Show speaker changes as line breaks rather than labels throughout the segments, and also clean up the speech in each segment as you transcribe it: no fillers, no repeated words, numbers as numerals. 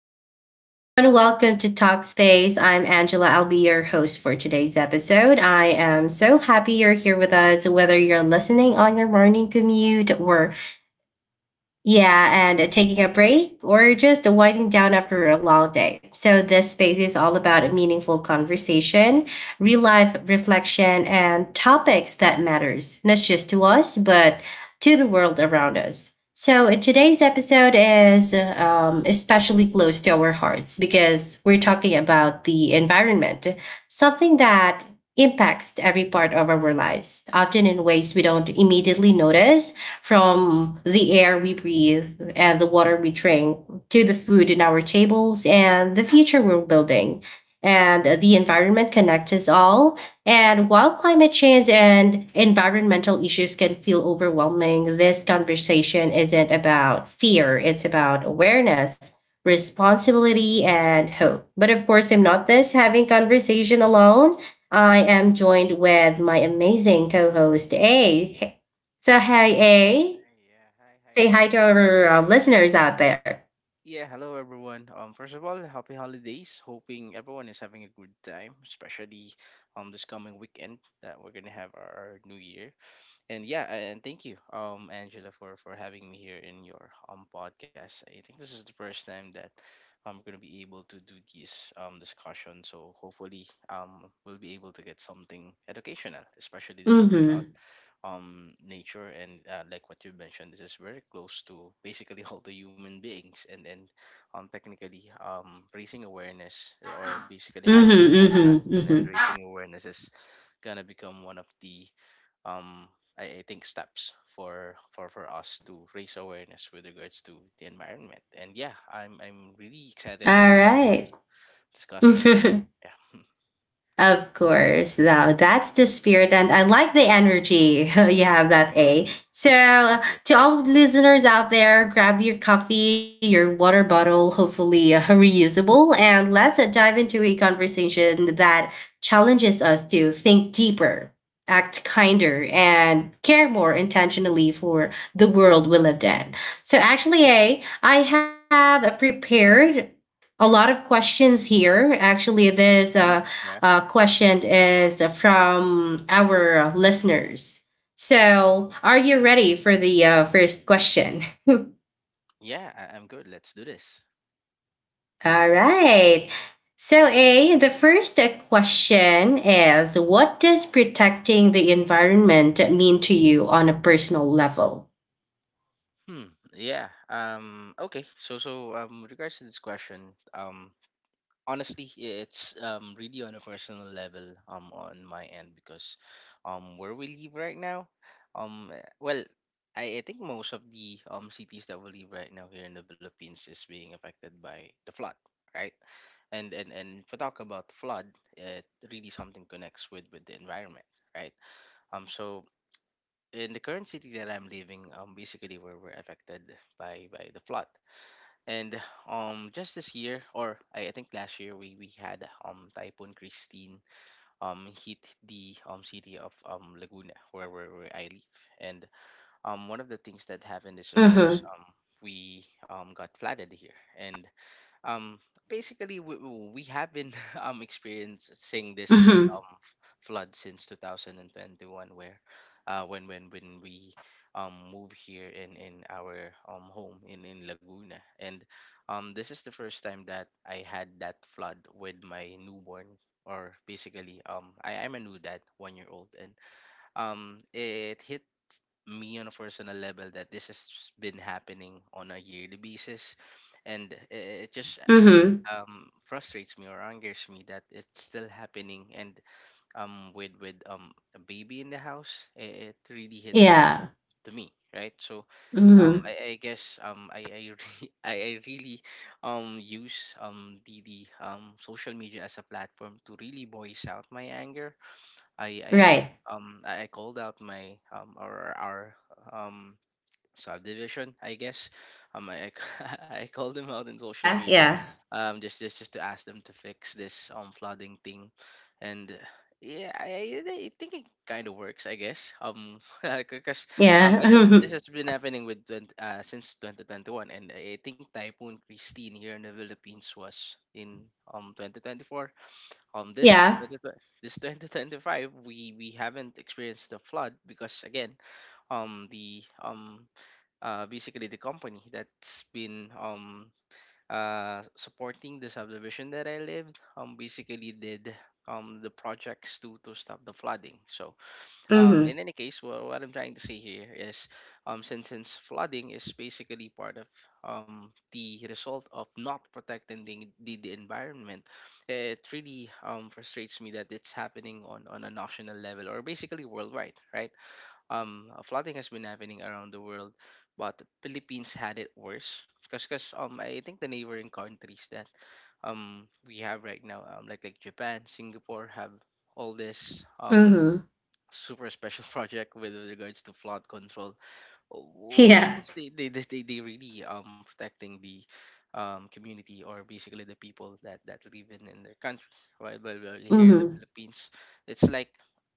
hi, everyone. Welcome to Talkspace. I'm Angela. I'll be your host for today's episode. I am so happy you're here with us, whether you're listening on your morning commute or yeah, and taking a break or just winding down after a long day. So, this space is all about a meaningful conversation, real life reflection, and topics that matters, not just to us, but to the world around us. So, today's episode is especially close to our hearts because we're talking about the environment, something that impacts every part of our lives, often in ways we don't immediately notice from the air we breathe and the water we drink to the food in our tables and the future we're building. And the environment connects us all. And while climate change and environmental issues can feel overwhelming, this conversation isn't about fear, it's about awareness responsibility and hope. But of course, I'm not this having conversation alone. I am joined with my amazing co-host A. So, hey, A,
Hi,
say
everyone.
hi to our listeners out there.
Yeah, hello everyone. First of all, happy holidays. Hoping everyone is having a good time, especially this coming weekend that we're gonna have our New Year. And yeah, and thank you, Angela, for having me here in your podcast. I think this is the first time that I'm gonna be able to do this discussion. So hopefully, we'll be able to get something educational, especially this is
Mm hmm.
about nature and, like what you mentioned, this is very close to basically all the human beings, and technically raising awareness, or basically
Mm
having
hmm.
a
Mm
podcast
hmm. Mm
and
hmm.
raising awareness is gonna become one of the um I think steps for us to raise awareness with regards to the environment. And yeah, I'm really
All
excited to
right.
discuss this with you, yeah.
Of course, now that's the spirit, and I like the energy you have that A. So,
Thank you,
to
yeah.
all listeners out there, grab your coffee, your water bottle, hopefully reusable, and let's dive into a conversation that challenges us to think deeper, act kinder, and care more intentionally for the world we live in. So, actually, A, I have prepared a lot of questions here. Actually, this uh,
Yeah.
uh, question is from our listeners. So, are you ready for the first question?
Yeah, I'm good, let's do this.
All right. So, A, the first question is, what does protecting the environment mean to you on a personal level?
Hmm. Yeah. Okay. So with regards to this question, honestly, it's really on a personal level on my end because, where we live right now, well, I think most of the cities that we live right now here in the Philippines is being affected by the flood, right? And if we talk about flood, it really something connects with the environment, right? So in the current city that I'm living, basically we were affected by the flood. And just this year, or I think last year, we had Typhoon Christine hit the city of Laguna, where I live. And one of the things that happened is, of
Mm
course,
hmm.
we got flooded here, and um basically we have been experiencing this
Mm
this
hmm.
um f- flood since 2021 where when we move here in our home in Laguna. And this is the first time that I had that flood with my newborn, or basically I am a new dad, 1 year old. And it hit me on a personal level that this has been happening on a yearly basis, and it just
Mm hmm.
frustrates me or angers me that it's still happening. And with a baby in the house, it really hits different
Yeah.
to me, right? So
Mm
um
hmm.
I, I guess I really use the social media as a platform to really voice out my anger. I I
Right.
I called out my or our um subdivision, I guess. I I called them out in social
Yeah.
media,
Yeah.
just to ask them to fix this flooding thing, and yeah, I I think it kind of works, I guess. Because
Yeah.
again, this has been happening with since 2021, and I think Typhoon Christine here in the Philippines was in 2024. This
Yeah.
twenty twenty this 2025, we haven't experienced the flood because again, the basically the company that's been supporting the subdivision that I lived basically did the projects to stop the flooding. So
Mm hmm.
in any case, well, what I'm trying to say here is since flooding is basically part of the result of not protecting the environment. It really frustrates me that it's happening on a national level, or basically worldwide, right? Flooding has been happening around the world, but Philippines had it worse because I think the neighboring countries that we have right now, like Japan, Singapore, have all this
Mm hmm.
super special project with regards to flood control, which
Yeah.
means they really protecting the community, or basically the people that that live in their country, right? But, here
Mm
in the
hmm.
Philippines, it's like,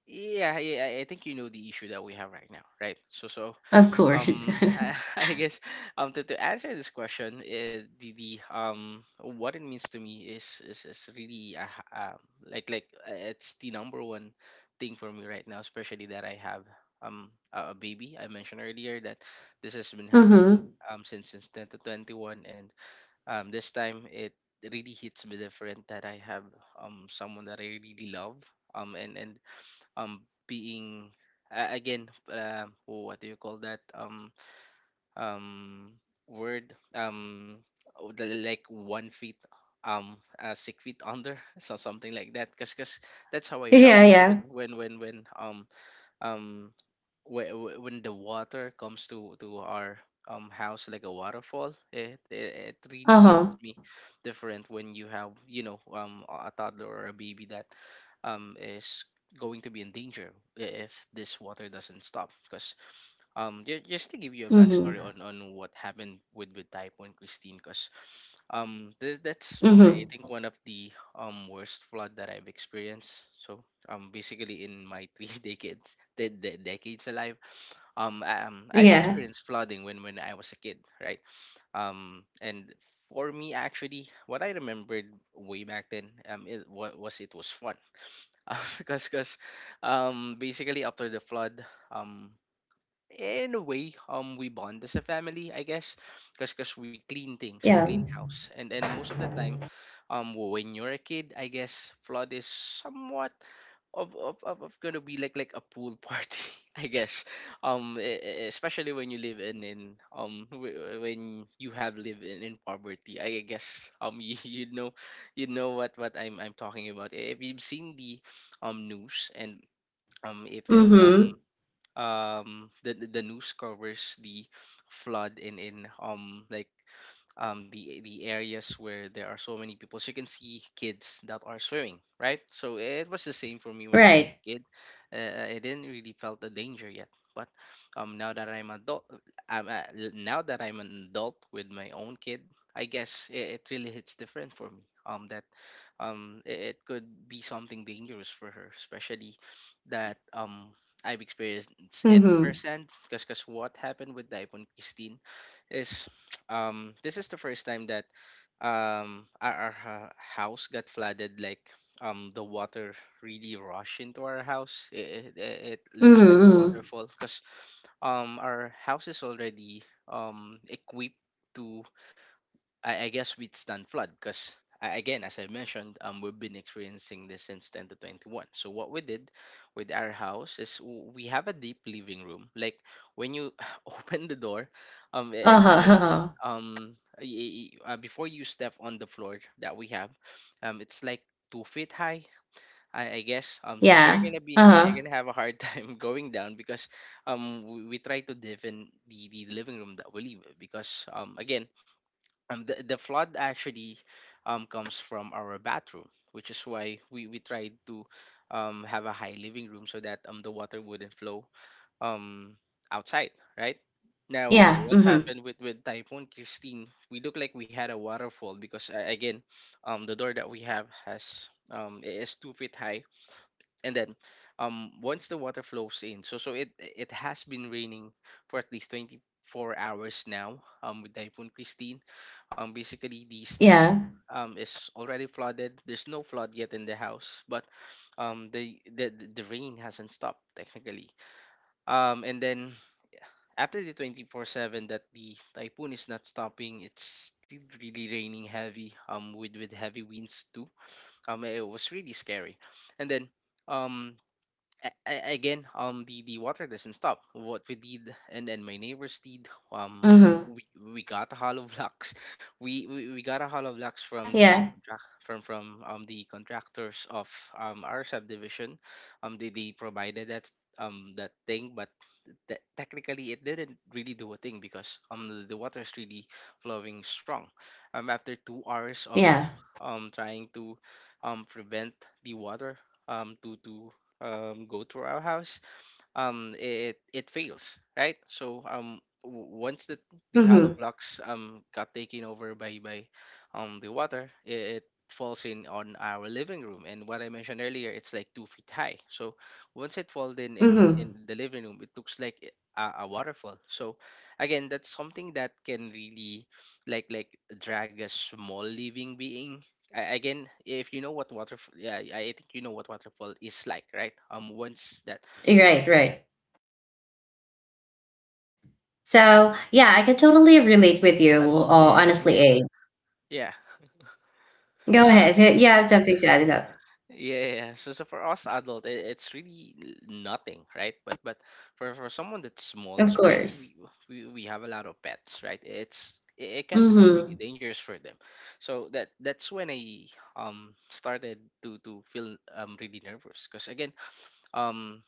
yeah, yeah, I think you know the issue that we have right now, right? so so
Of course.
um I, I guess, to answer this question, the what it means to me is, is really, it's the number one thing for me right now, especially that I have a baby. I mentioned earlier that this has been happening
Mm-hmm.
since 2021, and this time it really hits me different that I have someone that I really love, and being, again what do you call that, um word, oh, like 1 feet, 6 feet under, so something like that, because that's how I felt
Yeah,
when
yeah.
um when the water comes to our house like a waterfall. It it really hits
Uh-huh.
me different when you have, you know, a toddler or a baby that is going to be in danger if this water doesn't stop. Because just to give you a backstory
Mm-hmm.
on what happened with Typhoon Christine, because that's I
Mm-hmm.
think one of the worst flood that I've experienced. So basically in my three decades decades alive, I've
Yeah.
experienced flooding when I was a kid, right? And for me actually, what I remembered way back then, was it was fun because basically after the flood, um in a way, we bond as a family, I guess, because we clean things, we clean
Yeah.
house, and most of the time, when you're a kid, I guess flood is somewhat of gonna be like a pool party, I guess, especially when you live in when you have lived in poverty, I guess. You know, you know what I'm talking about. If you've seen the news, and if
Mm-hmm.
the news covers the flood in the areas where there are so many people. So you can see kids that are swimming, right? So it was the same for me when I was
Right.
a kid. I didn't really felt the danger yet, but now that I'm adult, I'm, uh, now that I'm an adult with my own kid, I guess it, it really hits different for me. That it, it could be something dangerous for her, especially that I've experienced it
Mm-hmm.
firsthand because what happened with Daipon Christine is, this is the first time that house got flooded. Like, the water really rushed into our house. It it,
Mm-hmm.
looks like a
Mm-hmm.
waterfall because our house is already equipped to, I guess, we'd stand flood because again, as I mentioned, we've been experiencing this since 10 to 21. So what we did with our house is, we have a deep living room. Like, when you open the door, it's like,
Uh-huh. Uh-huh.
before you step on the floor that we have, it's like 2 feet high, I guess. So so you're
Yeah.
gonna be, you're
Uh-huh.
gonna have a hard time going down because we try to live in the living room that we live in because the flood actually comes from our bathroom, which is why we tried to have a high living room so that the water wouldn't flow um, outside, right? Now,
Yeah.
what
Mm-hmm.
happened with Typhoon Christine? We look like we had a waterfall because, again, the door that we have has is 2 feet high, and then once the water flows in. So so it has been raining for at least 24 hours now with Typhoon Christine. Basically the street
Yeah.
is already flooded, there's no flood yet in the house, but the rain hasn't stopped technically, and then after the 24/7 that the typhoon is not stopping, it's still really raining heavy, with heavy winds too. It was really scary, and then um again, the water doesn't stop. What we did, and then my neighbors did.
Mm-hmm.
We got a hollow blocks. We got a hollow blocks
Yeah,
from the
yeah.
contract from the contractors of our subdivision. They provided that that thing, but that technically it didn't really do a thing because the water is really flowing strong. After 2 hours of
Yeah.
trying to prevent the water to go through our house, it fails, right? So once the hollow
Mm-hmm.
blocks got taken over by the water, it falls in on our living room, and what I mentioned earlier, it's like 2 feet high. So once it falls in in,
Mm-hmm.
in the living room, it looks like a waterfall. So again, that's something that can really like like drag a small living being. Again, if you know what waterfall, yeah, I think you know what waterfall is like, right? Once that
Right. So, yeah, I can totally relate with you,
adult, it's really
honestly, A.
yeah,
Go
um,
ahead. Yeah, I have something to add it up.
yeah. So so for us adult, it's really nothing, right? But for someone that's small,
Of
especially
course.
we we have a lot of pets, right? It it can become really
Mm-hmm.
dangerous for them. So that's when I started to feel really nervous because again, um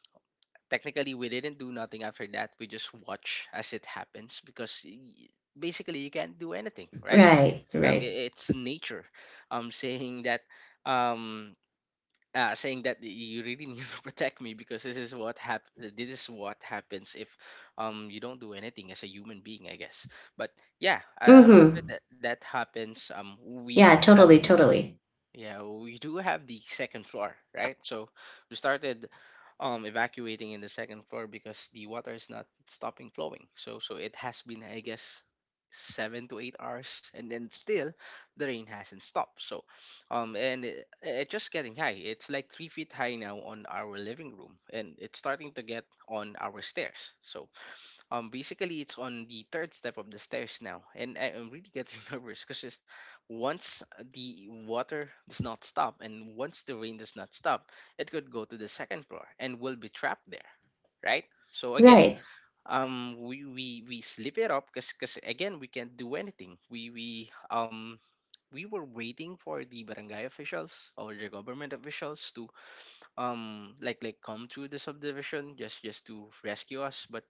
technically we didn't do nothing after that. We just watch as it happens because. Basically, you can't do anything, right?
Right, right.
It's nature um saying that um saying that you really need to protect me, because this is what this is what happens if you don't do anything as a human being, I guess. But yeah, after
Mm-hmm.
that that happens, we
Yeah,
do have
totally,
the
totally.
yeah, well, we do have the second floor, right? So we started evacuating in the second floor because the water is not stopping flowing. So so it has been, I guess, 7 to 8 hours, and then still the rain hasn't stopped. So and it's just getting high. It's like 3 feet high now on our living room, and it's starting to get on our stairs. So basically, it's on the third step of the stairs now, and I am really getting nervous because once the water does not stop and once the rain does not stop, it could go to the second floor and we'll be trapped there, right? So again,
Right.
we slip it up because again we can't do anything. We we were waiting for the barangay officials or the government officials to come to the subdivision just to rescue us. But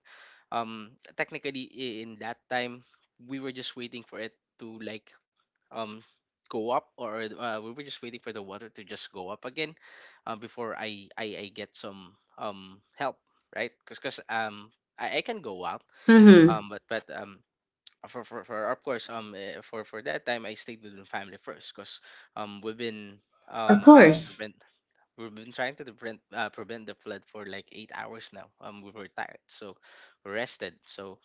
um technically in that time we were just waiting for it to like um go up, or we were just waiting for the water to just go up again before I get some help, right? Because I can go out
Mm-hmm.
but for of course for that time I stayed with my family first because we've been
Of
trying to
course.
prevent we've been trying to prevent the flood for like 8 hours now. We were tired, so we rested. So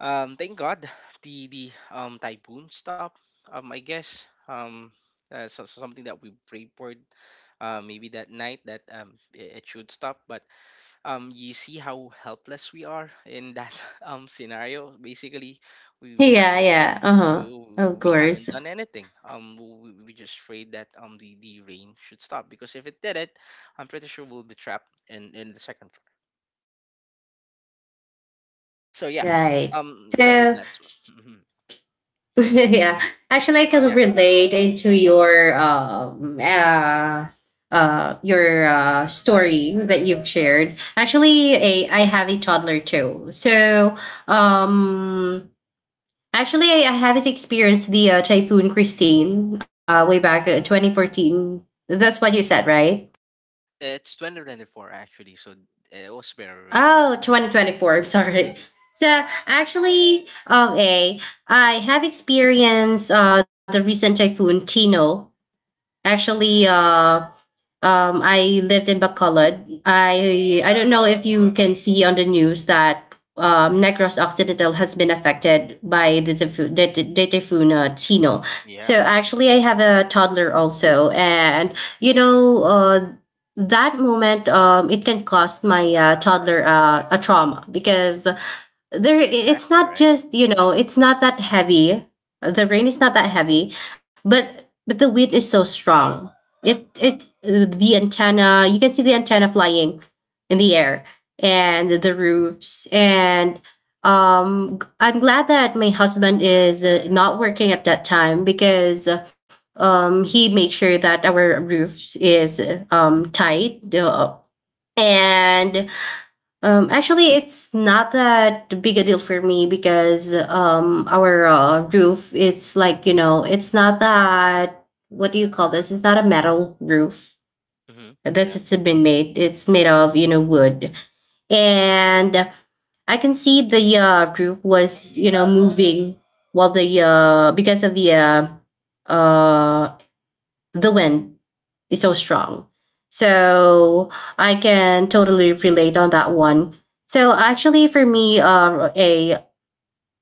thank God the typhoon stopped. I guess so, so something that we prayed for, maybe that night that it should stop. But you see how helpless we are in that scenario. Basically, we
Yeah,
haven't
yeah. Uh-huh.
no,
Of
we haven't
course.
done anything. We just prayed that the rain should stop, because if it did it, I'm pretty sure we'll be trapped in the second floor. So yeah,
Right. So
that's. Mhm.
yeah. Actually, I can relate into your story that you've shared. Actually, A, I have a toddler too. So um actually, I haven't experienced the typhoon Christine way back 2014. That's what you said, right?
It's 2024 actually, so it was very recent.
Oh, 2024. I'm sorry. So actually, a, I have experienced the recent typhoon Tino. Actually, I lived in Bacolod. I don't know if you can see on the news that
Hmm.
Negros Occidental has been affected by the typhoon, the typhoon Tino. So
Yeah, mhm.
actually, I have a toddler also, and you know, that moment, it can cost my toddler a trauma because there it's
Exactly,
not
right?
just, you know, it's not that heavy, the rain is not that heavy, but the wind is so strong. It the antenna, you can see the antenna flying in the air and the roofs, and I'm glad that my husband is not working at that time because he made sure that our roof is tight. And Actually, it's not that big a deal for me because our roof, it's like, you know, it's not that, what do you call this? It's not a metal roof
Hmm.
that's
Yeah,
it's been made. It's made of, you know, wood. And I can see the roof was, you know, moving while the, because of uh, the wind is so strong. So I can totally relate on that one. So actually, for me, a,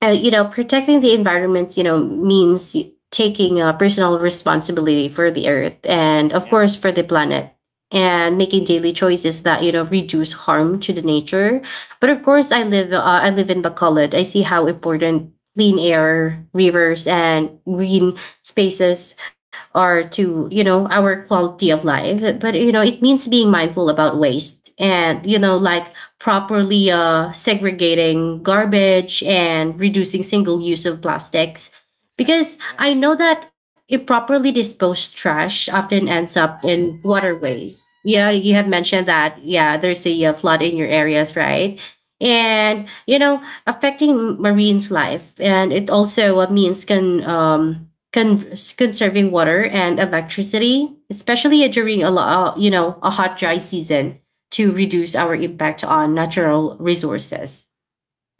you know, protecting the environment, you know, means taking personal responsibility for the earth and, of
yeah,
course, for the planet, and making daily choices that, you know, reduce harm to the nature. But of course, I live in Bacolod. I see how important clean air, rivers, and green spaces are to, you know, our quality of life. But you know, it means being mindful about waste and, you know, like properly segregating garbage and reducing single use of plastics.
exactly.
Because
Yeah,
I know that improperly disposed trash often ends up in waterways. Yeah, you have mentioned that. Yeah, there's a flood in your areas, right? And, you know, affecting marines' life. And it also means conserving water and electricity, especially during a you know, a hot dry season to reduce our impact on natural resources.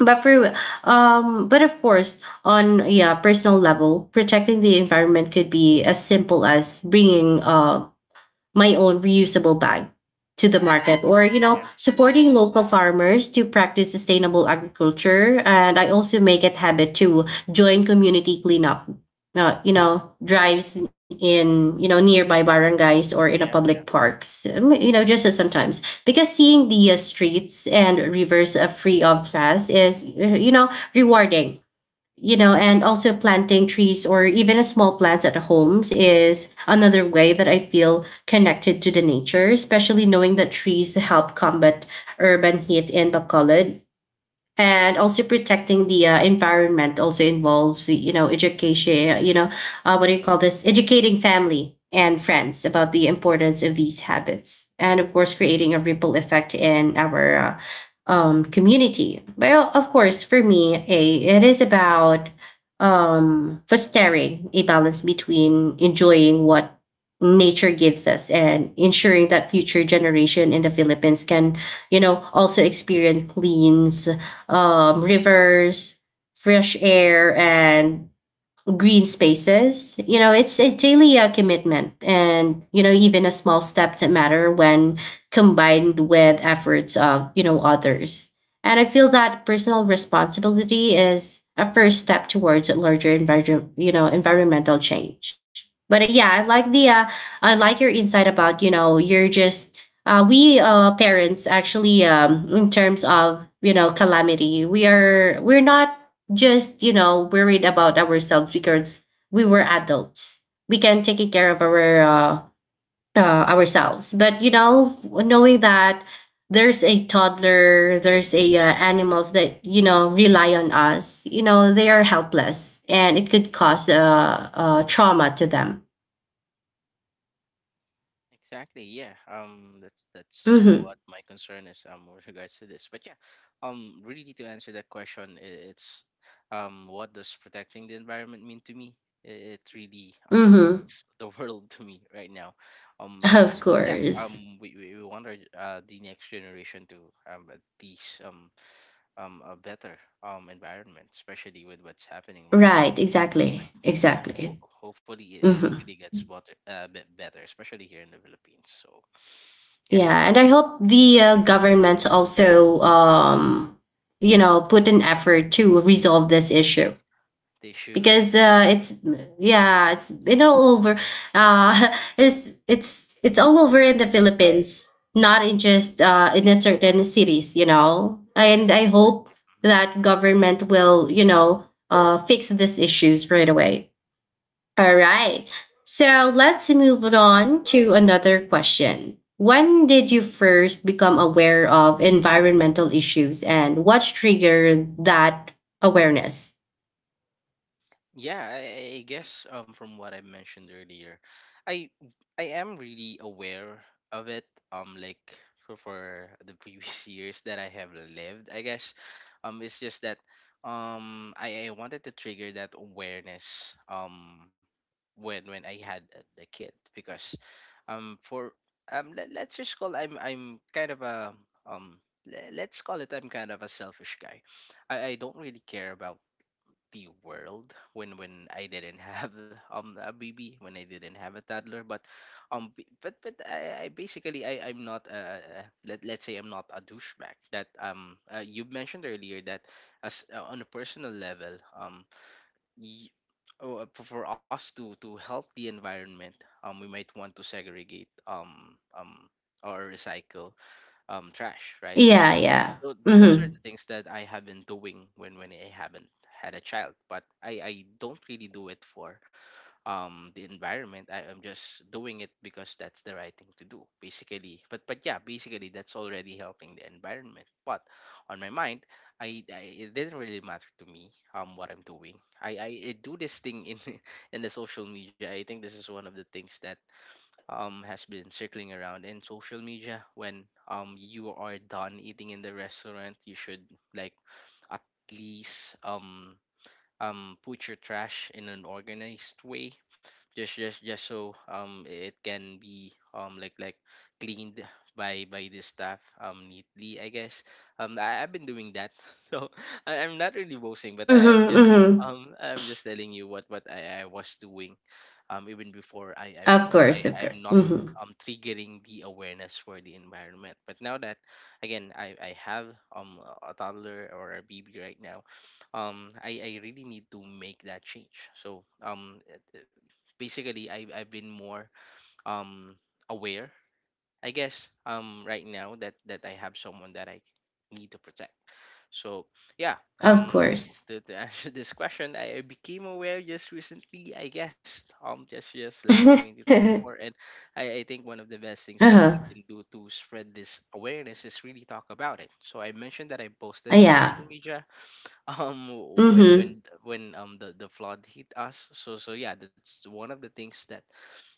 But for but of course, on yeah personal level, protecting the environment could be as simple as bringing my own reusable bag to the market,
agree.
or you know,
Yeah,
supporting local farmers to practice sustainable agriculture. And I also make it habit to join community cleanup you know, drives in, you know, nearby barangays or in a
yeah,
public parks, you know, just as sometimes, because seeing the streets and rivers free of trash is, you know, rewarding. You know, and also planting trees or even small plants at homes is another way that I feel connected to the nature, especially knowing that trees help combat urban heat in Bacolod. And also protecting the environment also involves, you know, education. You know, what do you call this, educating family and friends about the importance of these habits, and of course creating a ripple effect in our, community. Well, of course, for me, A, it is about fostering a balance between enjoying what nature gives us, and ensuring that future generation in the Philippines can, you know, also experience clean, rivers, fresh air, and green spaces. You know, it's a daily commitment, and you know, even a small step that matter when combined with efforts of, you know, others. And I feel that personal responsibility is a first step towards a larger you know, environmental change. But yeah, I like the I like your insight about, you know, you're just, we parents actually, in terms of, you know, calamity, we are, we're not just, you know, worried about ourselves because we were adults. We can take care of our ourselves. But, you know, knowing that there's a toddler, there's a animals that, you know, rely on us, you know, they are helpless and it could cause trauma to them.
exactly. Yeah. That's
Mm-hmm.
what my concern is with regards to this. But yeah, really to answer that question, it's what does protecting the environment mean to me? It really
Mm-hmm.
means the world to me right now.
Of
Because yeah,
course.
we want our the next generation to at least a better environment, especially with what's happening right
Right.
now. But
Exactly.
yeah,
Exactly.
hopefully
Mm-hmm.
it really gets better, bit better, especially here in the Philippines. So yeah,
Yeah, and I
good luck.
hope
Good
the
luck.
governments also, you know, put an effort to resolve this issue
They should.
because
Yeah.
it's, yeah, it's been all over. It's all over in the Philippines, not in just in a certain cities, you know.
Yeah.
And I hope that government will, you know, fix these issues right away. All right. So let's move it on to another question. When did you first become aware of environmental issues, and what triggered that awareness?
Yeah, I guess from what I mentioned earlier, I am really aware of it. Like for the previous years that I have lived, I guess, it's just that I wanted to trigger that awareness when I had the kid because for let, let's just call I'm kind of a um let's call it I'm kind of a selfish guy. I don't really care about the world when I didn't have a baby, when I didn't have a toddler. But I basically I'm not let, let's say I'm not a douchebag. That you mentioned earlier that as on a personal level y- oh, for us to help the environment we might want to segregate or recycle trash, right? So
Yeah,
so
yeah.
those are
Mm-hmm.
the things that I have been doing when I haven't had a child, but I don't really do it for the environment. I am just doing it because that's the right thing to do, basically. But yeah, basically that's already helping the environment. But on my mind, I it didn't really matter to me what I'm doing. I do this thing in in the social media. I think this is one of the things that has been circling around in social media. When you are done eating in the restaurant, you should like at least put your trash in an organized way just so it can be cleaned by the staff neatly, I guess. I've been doing that so I'm not really boasting, but I am
Mm-hmm.
just
Mm-hmm.
I'm just telling you what I was doing even before I I'm
Of
w- I
course, of
I'm
course.
not
Mm-hmm.
triggering the awareness for the environment. But now that again I have a toddler or a baby right now, I really need to make that change. So basically I've been more um aware, I guess, right now that I have someone that I need to protect. So yeah,
Of
um
course.
to answer this question, I became aware just recently, I guess, just last
Uh-huh.
2024. And I think one of the best things that we can do to spread this awareness is really talk about it. So I mentioned that I posted in social
Yeah.
media um when when
Mm-hmm.
when the flood hit us. So so yeah, that's one of the things that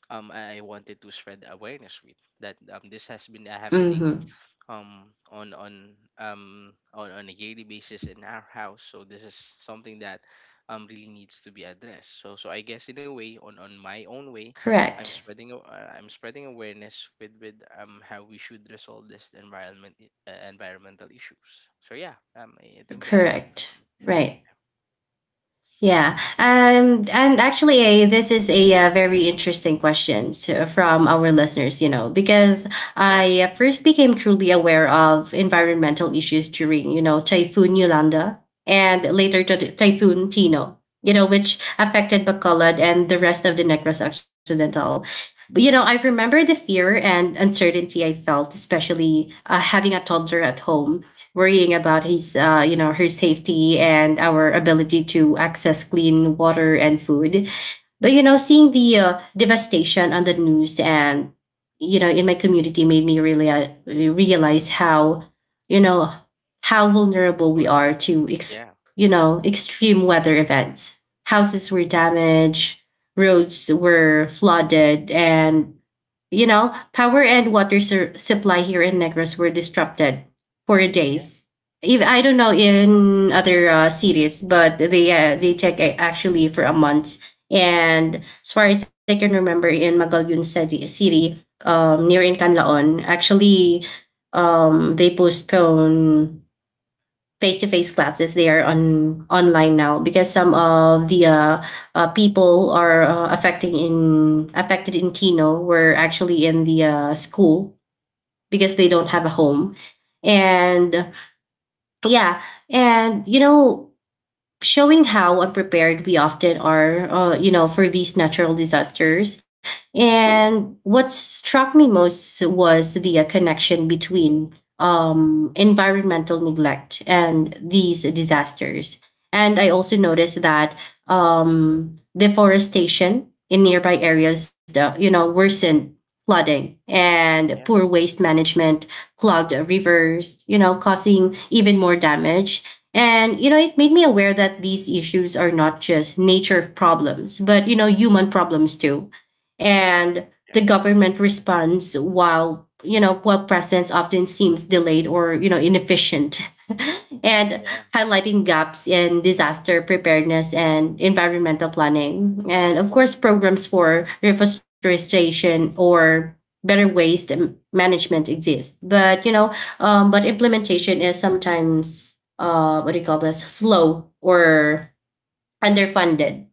I wanted to spread awareness with, that this has been happening
Mm-hmm.
um on a yearly basis in our house. So this is something that really needs to be addressed. So so I guess, in a way, on my own way, I'm
Correct.
spreading I'm spreading awareness with how we should resolve this environmental issues. So yeah, I think that's it
Correct.
for me.
Right. Yeah, and actually, this is a very interesting question to, from our listeners, you know, because
Yeah.
I first became truly aware of environmental issues during, you know, Typhoon Yolanda, and later to Typhoon Tino, you know, which affected Bacolod and the rest of the Negros Occidental. But, you know, I
Mhm,
remember the fear and uncertainty I felt, especially having a toddler at home, worrying about his, you know, her safety, and our ability to access clean water and food. But you know, seeing the devastation on the news and, you know, in my community, made me really
mhm.
realize how, you know, how vulnerable we
Important,
are
yeah.
to
Yeah.
you know, extreme weather events.
Like,
Houses were damaged, roads were flooded, and, you know, power and water supply here in Negros were disrupted for
yeah,
days. If
mhm,
I don't know in other cities, but they take actually for a month. And as far as I can remember, in Magallanes City, near Incanlaon, actually, they postpone face-to-face classes. They are on online now because some of the people are affecting in affected in Tino were actually in the school because they don't have a home. And yeah, and you know, showing how unprepared we often are, you know, for these natural disasters. And what struck me most was the connection between environmental neglect and these disasters. And I also noticed that deforestation in nearby areas, worsened flooding and poor
yeah,
waste management clogged rivers, you know, causing even more damage and, you know, it made me aware that these issues are not just nature problems, but, you know, human problems too. And
exactly. Yeah,
the government responds while, while presence often seems delayed or, you know, inefficient. And
yeah,
highlighting gaps in disaster preparedness and environmental planning. And of course, programs for reforestation or better waste management exist. But, you know, but implementation is sometimes what do you call this? Slow or underfunded.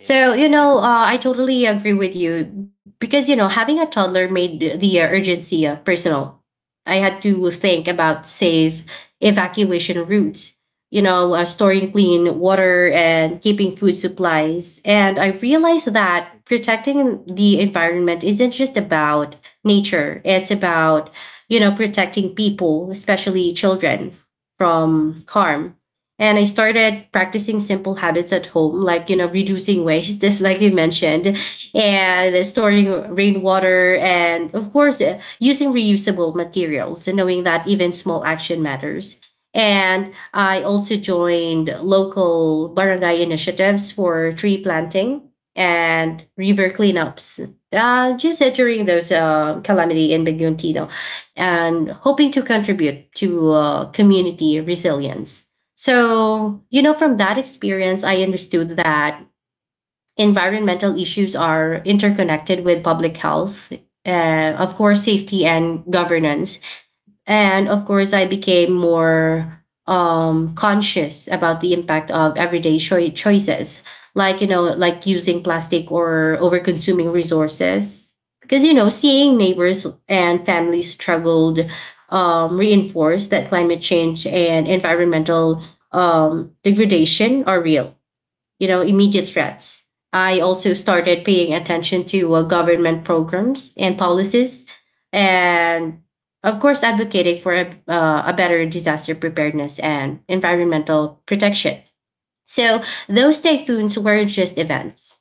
yeah.
you
Be
know, I totally agree with you because, you know, having a toddler made the urgency personal. I had to think about safe evacuation routes, you know, storing clean water and keeping food supplies. And I realized that protecting the environment isn't just about nature, it's about, you know, protecting people, especially children, from harm and I
yeah,
started practicing simple habits at home, like, you know, reducing waste, just like you mentioned,
yeah,
and storing rainwater. And of course, using reusable materials and knowing that even small action matters. And I also joined local barangay initiatives for tree planting and river cleanups. Just during those calamity in Baguio and Tino, and hoping to contribute to community resilience. So, you know, from that experience, I understood that environmental issues are interconnected with public health, of course, safety and governance. And of course, I became more conscious about the impact of everyday choices, like, you know, like using plastic or over consuming resources. Because, you know, seeing neighbors and families struggled reinforced that climate change and environmental degradation are real you know, immediate threats. I also started paying attention to government programs and policies, and of course, advocating for a better disaster preparedness and environmental protection. So those typhoons weren't just events;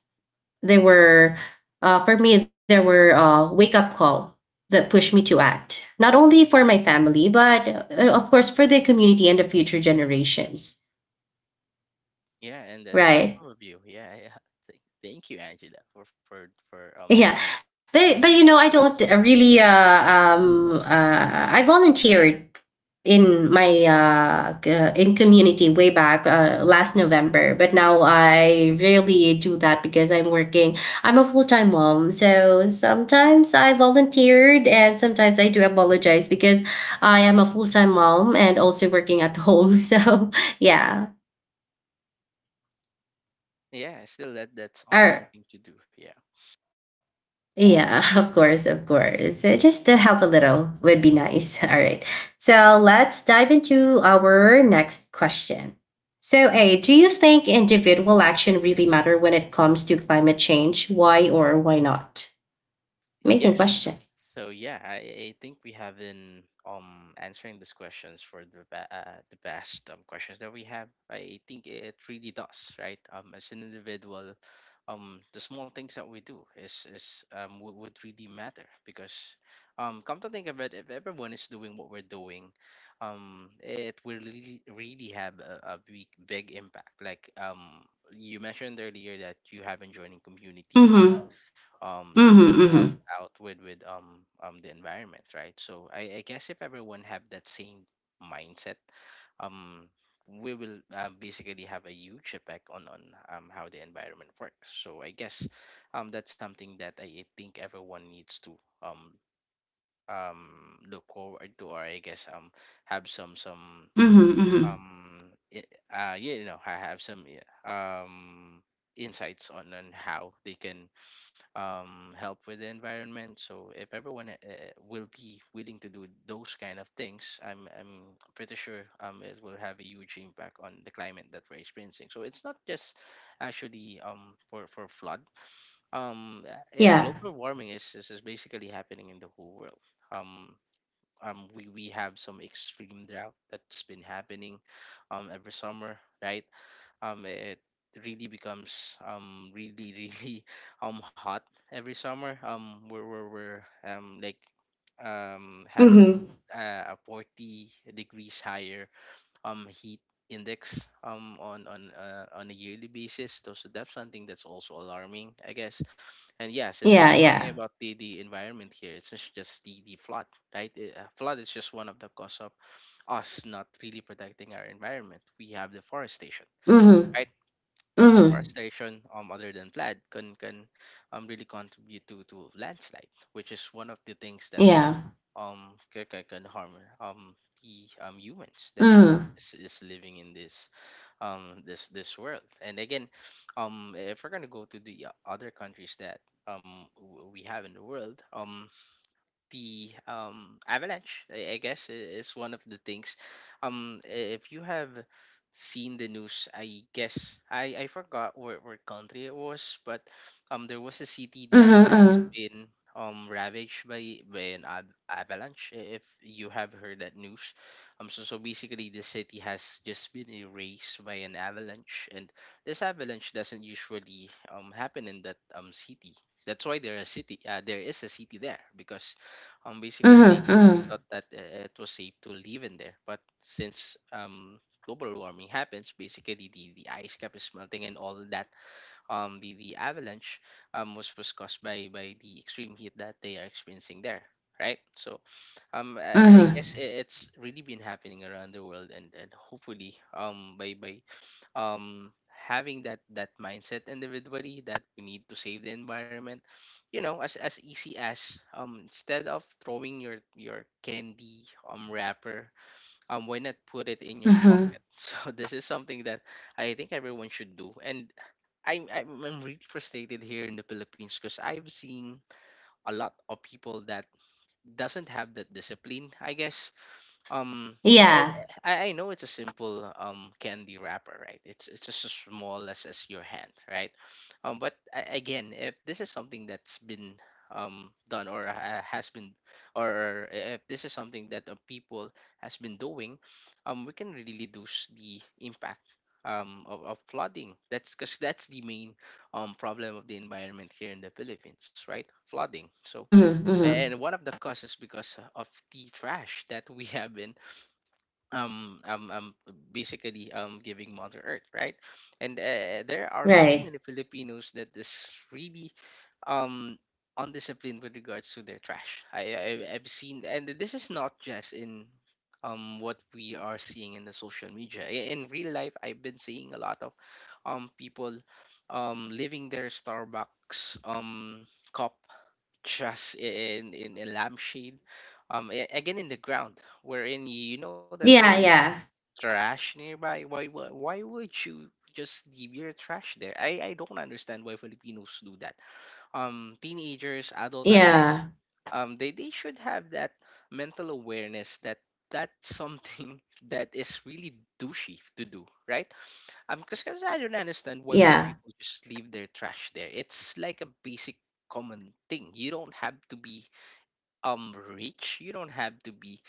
they were, for me, they were a wake-up call that pushed me to act, not only for my family, but of course for the community and the future generations.
yeah, and that's
Right.
awesome of you. Yeah, yeah. Thank you, Angela, for doing.
Yeah, but you know, I don't really. I volunteered in my in community way back last November, but now I rarely do that because I'm working. I'm a full time mom, so
Mhm.
sometimes I volunteered, and sometimes I do apologize because I am a full time mom and also working at home. So yeah.
Yeah, still that's
All
awesome
right.
thing to do. Yeah.
Yeah, of course, of course. Just to help a little would be nice. All right. So let's dive into our next question. So, A, do you think individual action really matter when it comes to climate change? Why or why not? Amazing
Yes.
question.
So yeah, I think we have been answering these questions for the the best questions that we have. I think it really does, right? As an individual, the small things that we do is would really matter because come to think of it, if everyone is doing what we're doing, it will really really have a big big impact. Like you mentioned earlier that you have been joining community too
Mm-hmm.
to
Mm-hmm.
help
Mm-hmm.
out with the environment, right? So I guess if everyone have that same mindset, um we will basically have a huge effect on how the environment works. So I guess that's something that I think everyone needs to look forward to, or I guess have some
Mm-hmm. Mm-hmm.
um i- yeah, you know, I have some yeah, um insights on how they can help with the environment. So if everyone will be willing to do those kind of things, I'm pretty sure it will have a huge impact on the climate that we're experiencing. So it's not just actually for flood. Um,
Yeah.
Global warming is basically happening in the whole world. Um, we have some extreme drought that's been happening every summer, right? It really becomes really really hot every summer. We're having
Mm-hmm.
a 40 degrees higher heat index on a yearly basis, so that's something that's also alarming, I guess. And Yeah, since if we're
Yeah,
talking
yeah.
about the environment here, it's just the flood, right. The flood is just one of the cause of us not really protecting our environment. We have deforestation,
Mm-hmm.
right?
Mm-hmm.
Deforestation, other than flood, can really contribute to landslide, which is one of the things that also
Yeah.
can harm um the humans that um,
Mm-hmm.
is, is living in this world. And again, if we're gonna go to the other countries that we have in the world, the avalanche, I guess is one of the things. If you have seen the news, I guess I forgot where country it was, but there was a city that has
Mm-hmm.
been ravaged by an avalanche, if you have heard that news. So basically the city has just been erased by an avalanche, and this avalanche doesn't usually happen in that city. That's why there is a city there, because basically, they,
Mm-hmm.
they
Mm-hmm.
thought that it was safe to live in there. But since global warming happens, basically the ice cap is melting and all that. The avalanche was caused by the extreme heat that they are experiencing there. Right, so I
Mm-hmm.
guess it's really been happening around the world, and hopefully, by having that mindset individually, that we need to save the environment. You know, as easy as, instead of throwing your candy wrapper, why not put it in your
Mm-hmm.
pocket? So this is something that I think everyone should do. And I'm really frustrated here in the Philippines, because I've seen a lot of people that doesn't have that discipline, I guess. um, eh,
Yeah.
I know it's a simple candy wrapper, right? It's just as small as your hand, right? But again, if this is something that's been done or has been, or if this is something that people has been doing, we can really reduce the impact of flooding. That's because that's the main problem of the environment here in the Philippines, right? Flooding. So,
Mm-hmm. Mm-hmm.
and one of the causes because of the trash that we have been um um, um basically giving mother earth, right. And there are so many
Right.
Filipinos that is really um undisciplined with regards to their trash. I've seen, and this is not just in what we are seeing in the social media. I- in real life, I've been seeing a lot of people leaving their Starbucks cup just in a lampshade, again in the ground, wherein you know that there
Yeah,
is
yeah.
trash nearby. Why would you just leave your trash there? I don't understand why Filipinos do that. Teenagers, adult
Yeah.
alike, they should have that mental awareness that that's something that is really douchey to do, right? Because I don't understand why would
Yeah.
people just leave their trash there. It's like a basic common thing. You don't have to be rich, you don't have to be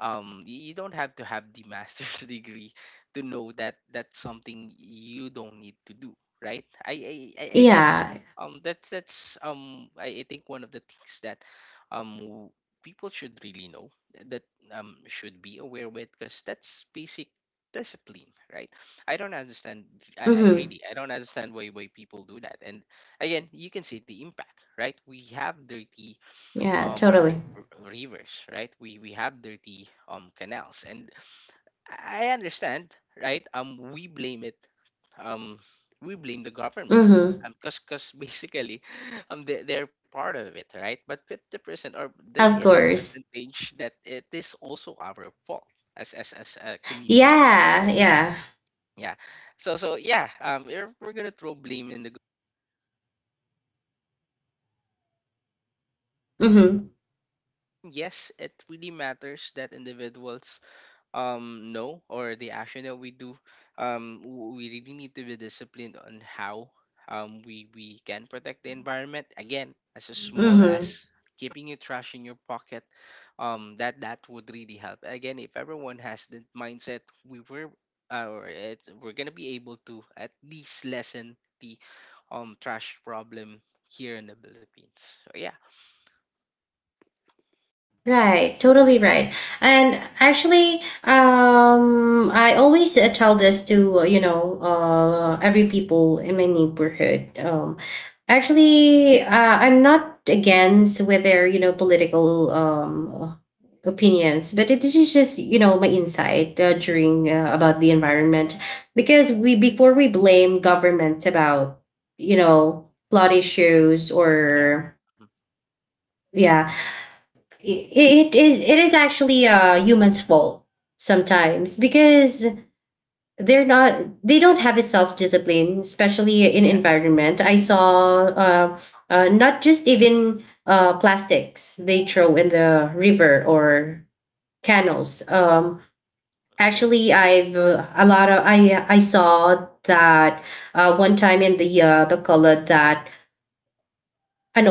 you don't have to have the master's degree to know that that's something you don't need to do, right. I guess
Yeah.
I think one of the things that um people should really know, that, should be aware with, because that's basic discipline, right? I don't understand, I don't
Mhm.
understand why people do that. And again, you can see the impact, right? We have dirty
Yeah, totally.
rivers, right? We have dirty canals. And I understand, right. We blame it, um we blame the government
Mhm.
because basically they, they're part of it, right, but 50%, or there
Of
is a
course.
percentage that it is also our fault as a community,
Yeah,
right?
yeah.
Yeah. Yeah, we're gonna throw blame in the
Mhm.
yes, it really matters that individuals no or the action that we do, we really need to be disciplined on how we can protect the environment, again, as a small as
Mhm.
keeping your trash in your pocket. That that would really help. Again, if everyone has that mindset, we were we're gonna be able to at least lessen the trash problem here in the Philippines. So yeah.
Right, totally right. And actually, I always tell this to every people in my neighborhood. Actually, I'm not against with their you know political opinions, but it is just you know my insight during about the environment because we before we blame governments about you know flood issues
Yeah.
or
Mhm,
yeah it is actually a human's fault sometimes because they're not they don't have a self-discipline especially in environment I saw not just even plastics they throw in the river or canals
yeah.
actually I've a lot of I saw that one time in the color that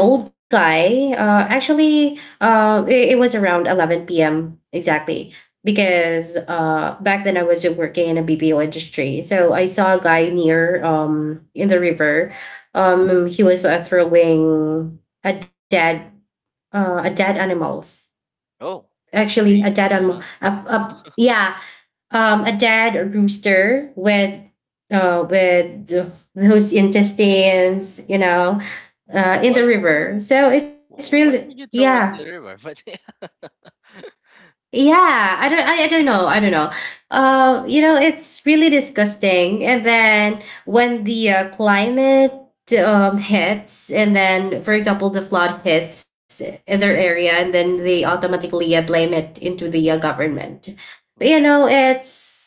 an old guy. It was around 11 p.m. exactly because back then I was working in a BPO industry. So I saw a guy near in the river. He
Mm-hmm.
was throwing a dead animals.
Oh,
Actually, a
really?
dead animal.
Yeah.
Up, up, yeah, a dad rooster with with those intestines, you know, in
Why?
the
Why?
river. So it's really,
Why would you
yeah,
throw it in the river? But yeah,
yeah. I don't, I don't know, I don't know. You know, it's really disgusting. And then when the climate hits, and then, for example, the flood hits in their area, and then they automatically blame it into the government. But, you
yeah,
know, it's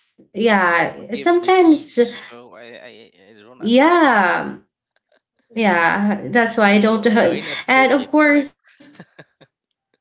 it can also
yeah.
give
Sometimes
disease. So I don't understand.
yeah, yeah, that's why I don't.
Why not cook
And
it,
of
right?
course,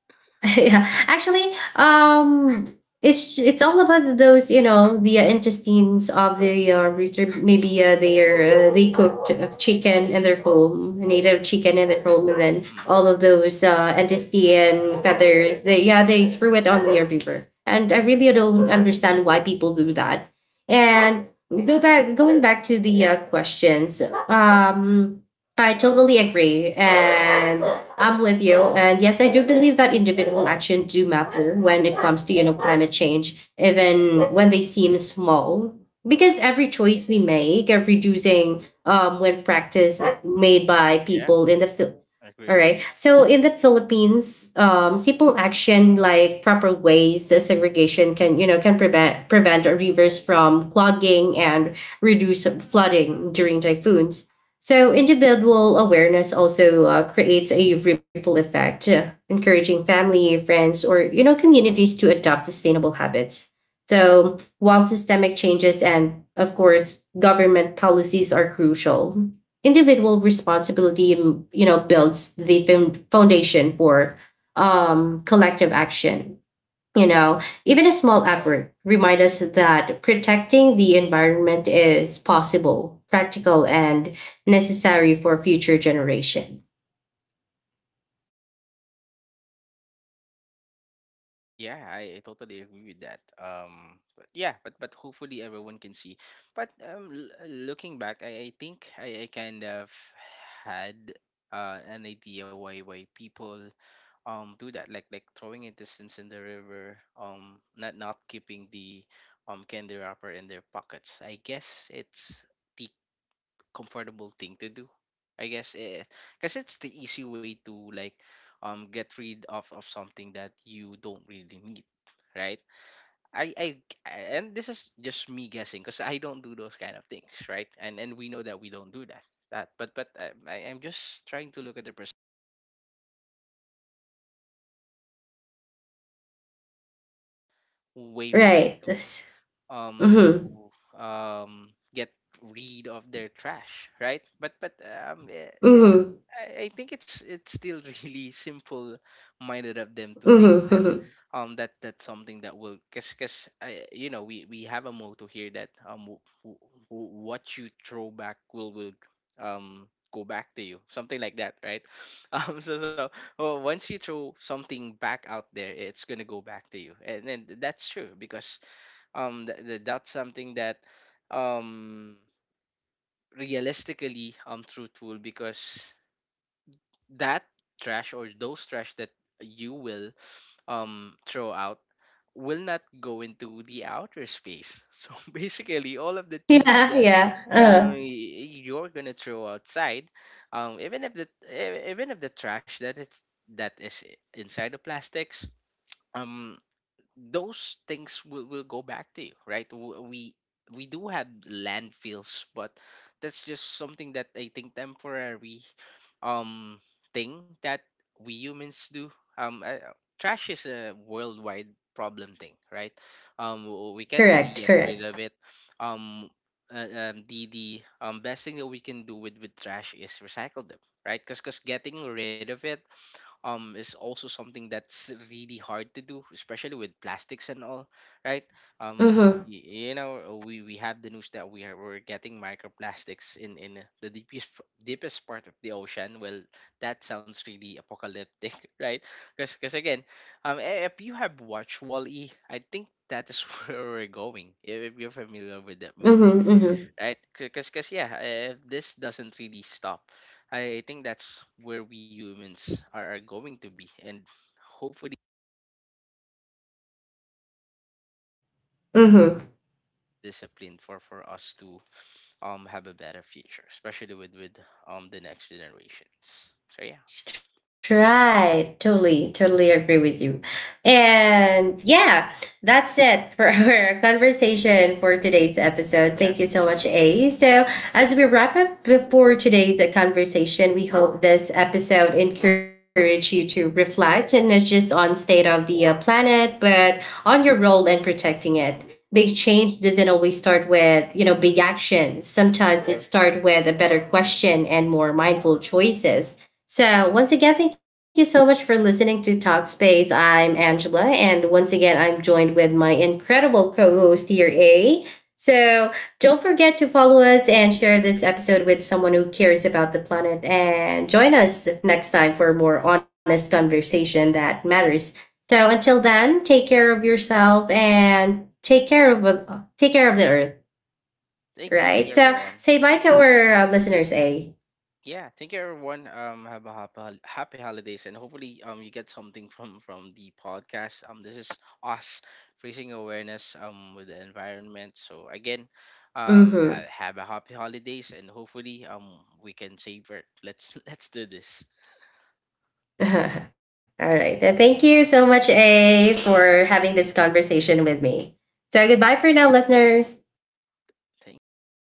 yeah actually it's all about those you know the intestines of the rooster maybe they cooked chicken in their home native chicken in their home and then
Hmm.
all of those intestine feathers they yeah they threw it on their river and I really don't understand why people do that and go back going back to the questions um I totally agree and I'm with you. And yes, I do believe that individual action do matter when it comes to, you know, climate change, even when they seem small. Because every choice we make of reducing when practice made by
Yeah,
people in the Phil-
I agree,
all
agree.
right. So in the Philippines, simple action like proper waste segregation can you know can prevent rivers from clogging and reduce flooding during typhoons. So, individual awareness also creates a ripple effect, encouraging family, friends, or you know communities to adopt sustainable habits. So, while systemic changes and, of course, government policies are crucial, individual responsibility mm, you know builds the foundation for collective action. You know, even a small effort remind us that protecting the environment is possible, practical, and necessary for future generation.
Yeah, I totally agree with that. But yeah, but hopefully everyone can see. But looking back, I think I kind of had an idea why people do that, like throwing intestines in the river, not not keeping the candy wrapper in their pockets. I guess it's the comfortable thing to do, I guess, because it's the easy way to like get rid of something that you don't really need, right. I And this is just me guessing, because I don't do those kind of things, right, and we know that we don't do that. But I'm just trying to look at the person way for them
Right.
to um to
Mm-hmm.
to um get rid of their trash, right. But yeah, yeah,
Mm-hmm.
I think it's still really simple minded of them to think
Mm-hmm.
that
Hmm.
that that's something that will cause cause I you know, we have a motto here that what you throw back will um go back to you, something like that, right? So well, once you throw something back out there, it's gonna go back to you. And then that's true, because that's something that um realistically truthful, because that trash or those trash that you will throw out will not go into the outer space. So basically, all of the things
Yeah,
that
yeah.
you're gonna throw outside, even if the even if the trash that it's that is inside the plastics, um those things will go back to you, right? We do have landfills, but that's just something that I think temporary um thing that we humans do. Trash is a worldwide problem thing, right? We can't really
Correct,
get rid
correct.
of it. Um, the best thing that we can do with trash is recycle them, right? Because getting rid of it is also something that's really hard to do, especially with plastics and all, right?
Mm-hmm.
You know, we have the news that we are we're getting microplastics in the deepest part of the ocean. Well, that sounds really apocalyptic, right? Because again, if you have watched Wall-E, I think that is where we're going, if you're familiar with that movie,
Mm-hmm. Mm-hmm.
right? Because yeah, if this doesn't really stop, I think that's where we humans are going to be. And hopefully
Mm-hmm.
discipline for us to have a better future, especially with the next generations, so yeah.
Right. Totally, totally agree with you. And yeah, that's it for our conversation for today's episode.
Yeah.
Thank you so
Mm-hmm.
much, A. So, as we wrap up before today's conversation, we hope this episode encouraged you to reflect and not just on state of the planet, but on your role in protecting it. Big change doesn't always start with, you know, big actions.
Mm-hmm.
Sometimes it starts with a better question and more mindful choices. So, once again, thank you so much for listening to Talkspace. I'm Angela, and once again, I'm joined with my incredible co host here, A. So, don't forget to follow us
Thank
and
you,
share
thank
this
you.
episode with someone who cares about the planet. And join us next time for a more honest conversation that matters. So, until then, take care of yourself and take care of the earth,
Thank you, thank
right?
you,
So,
everyone.
say bye to our listeners, A.
Yeah, thank you, everyone. Have a happy, happy holidays, and hopefully, you get something from the podcast. This is us raising awareness with the environment. So again,
Mm-hmm.
have a happy holidays, and hopefully, we can save it. Let's let's do this.
All right. Thank you so much, A, for having this conversation with me. So goodbye for now, listeners.
Thank you.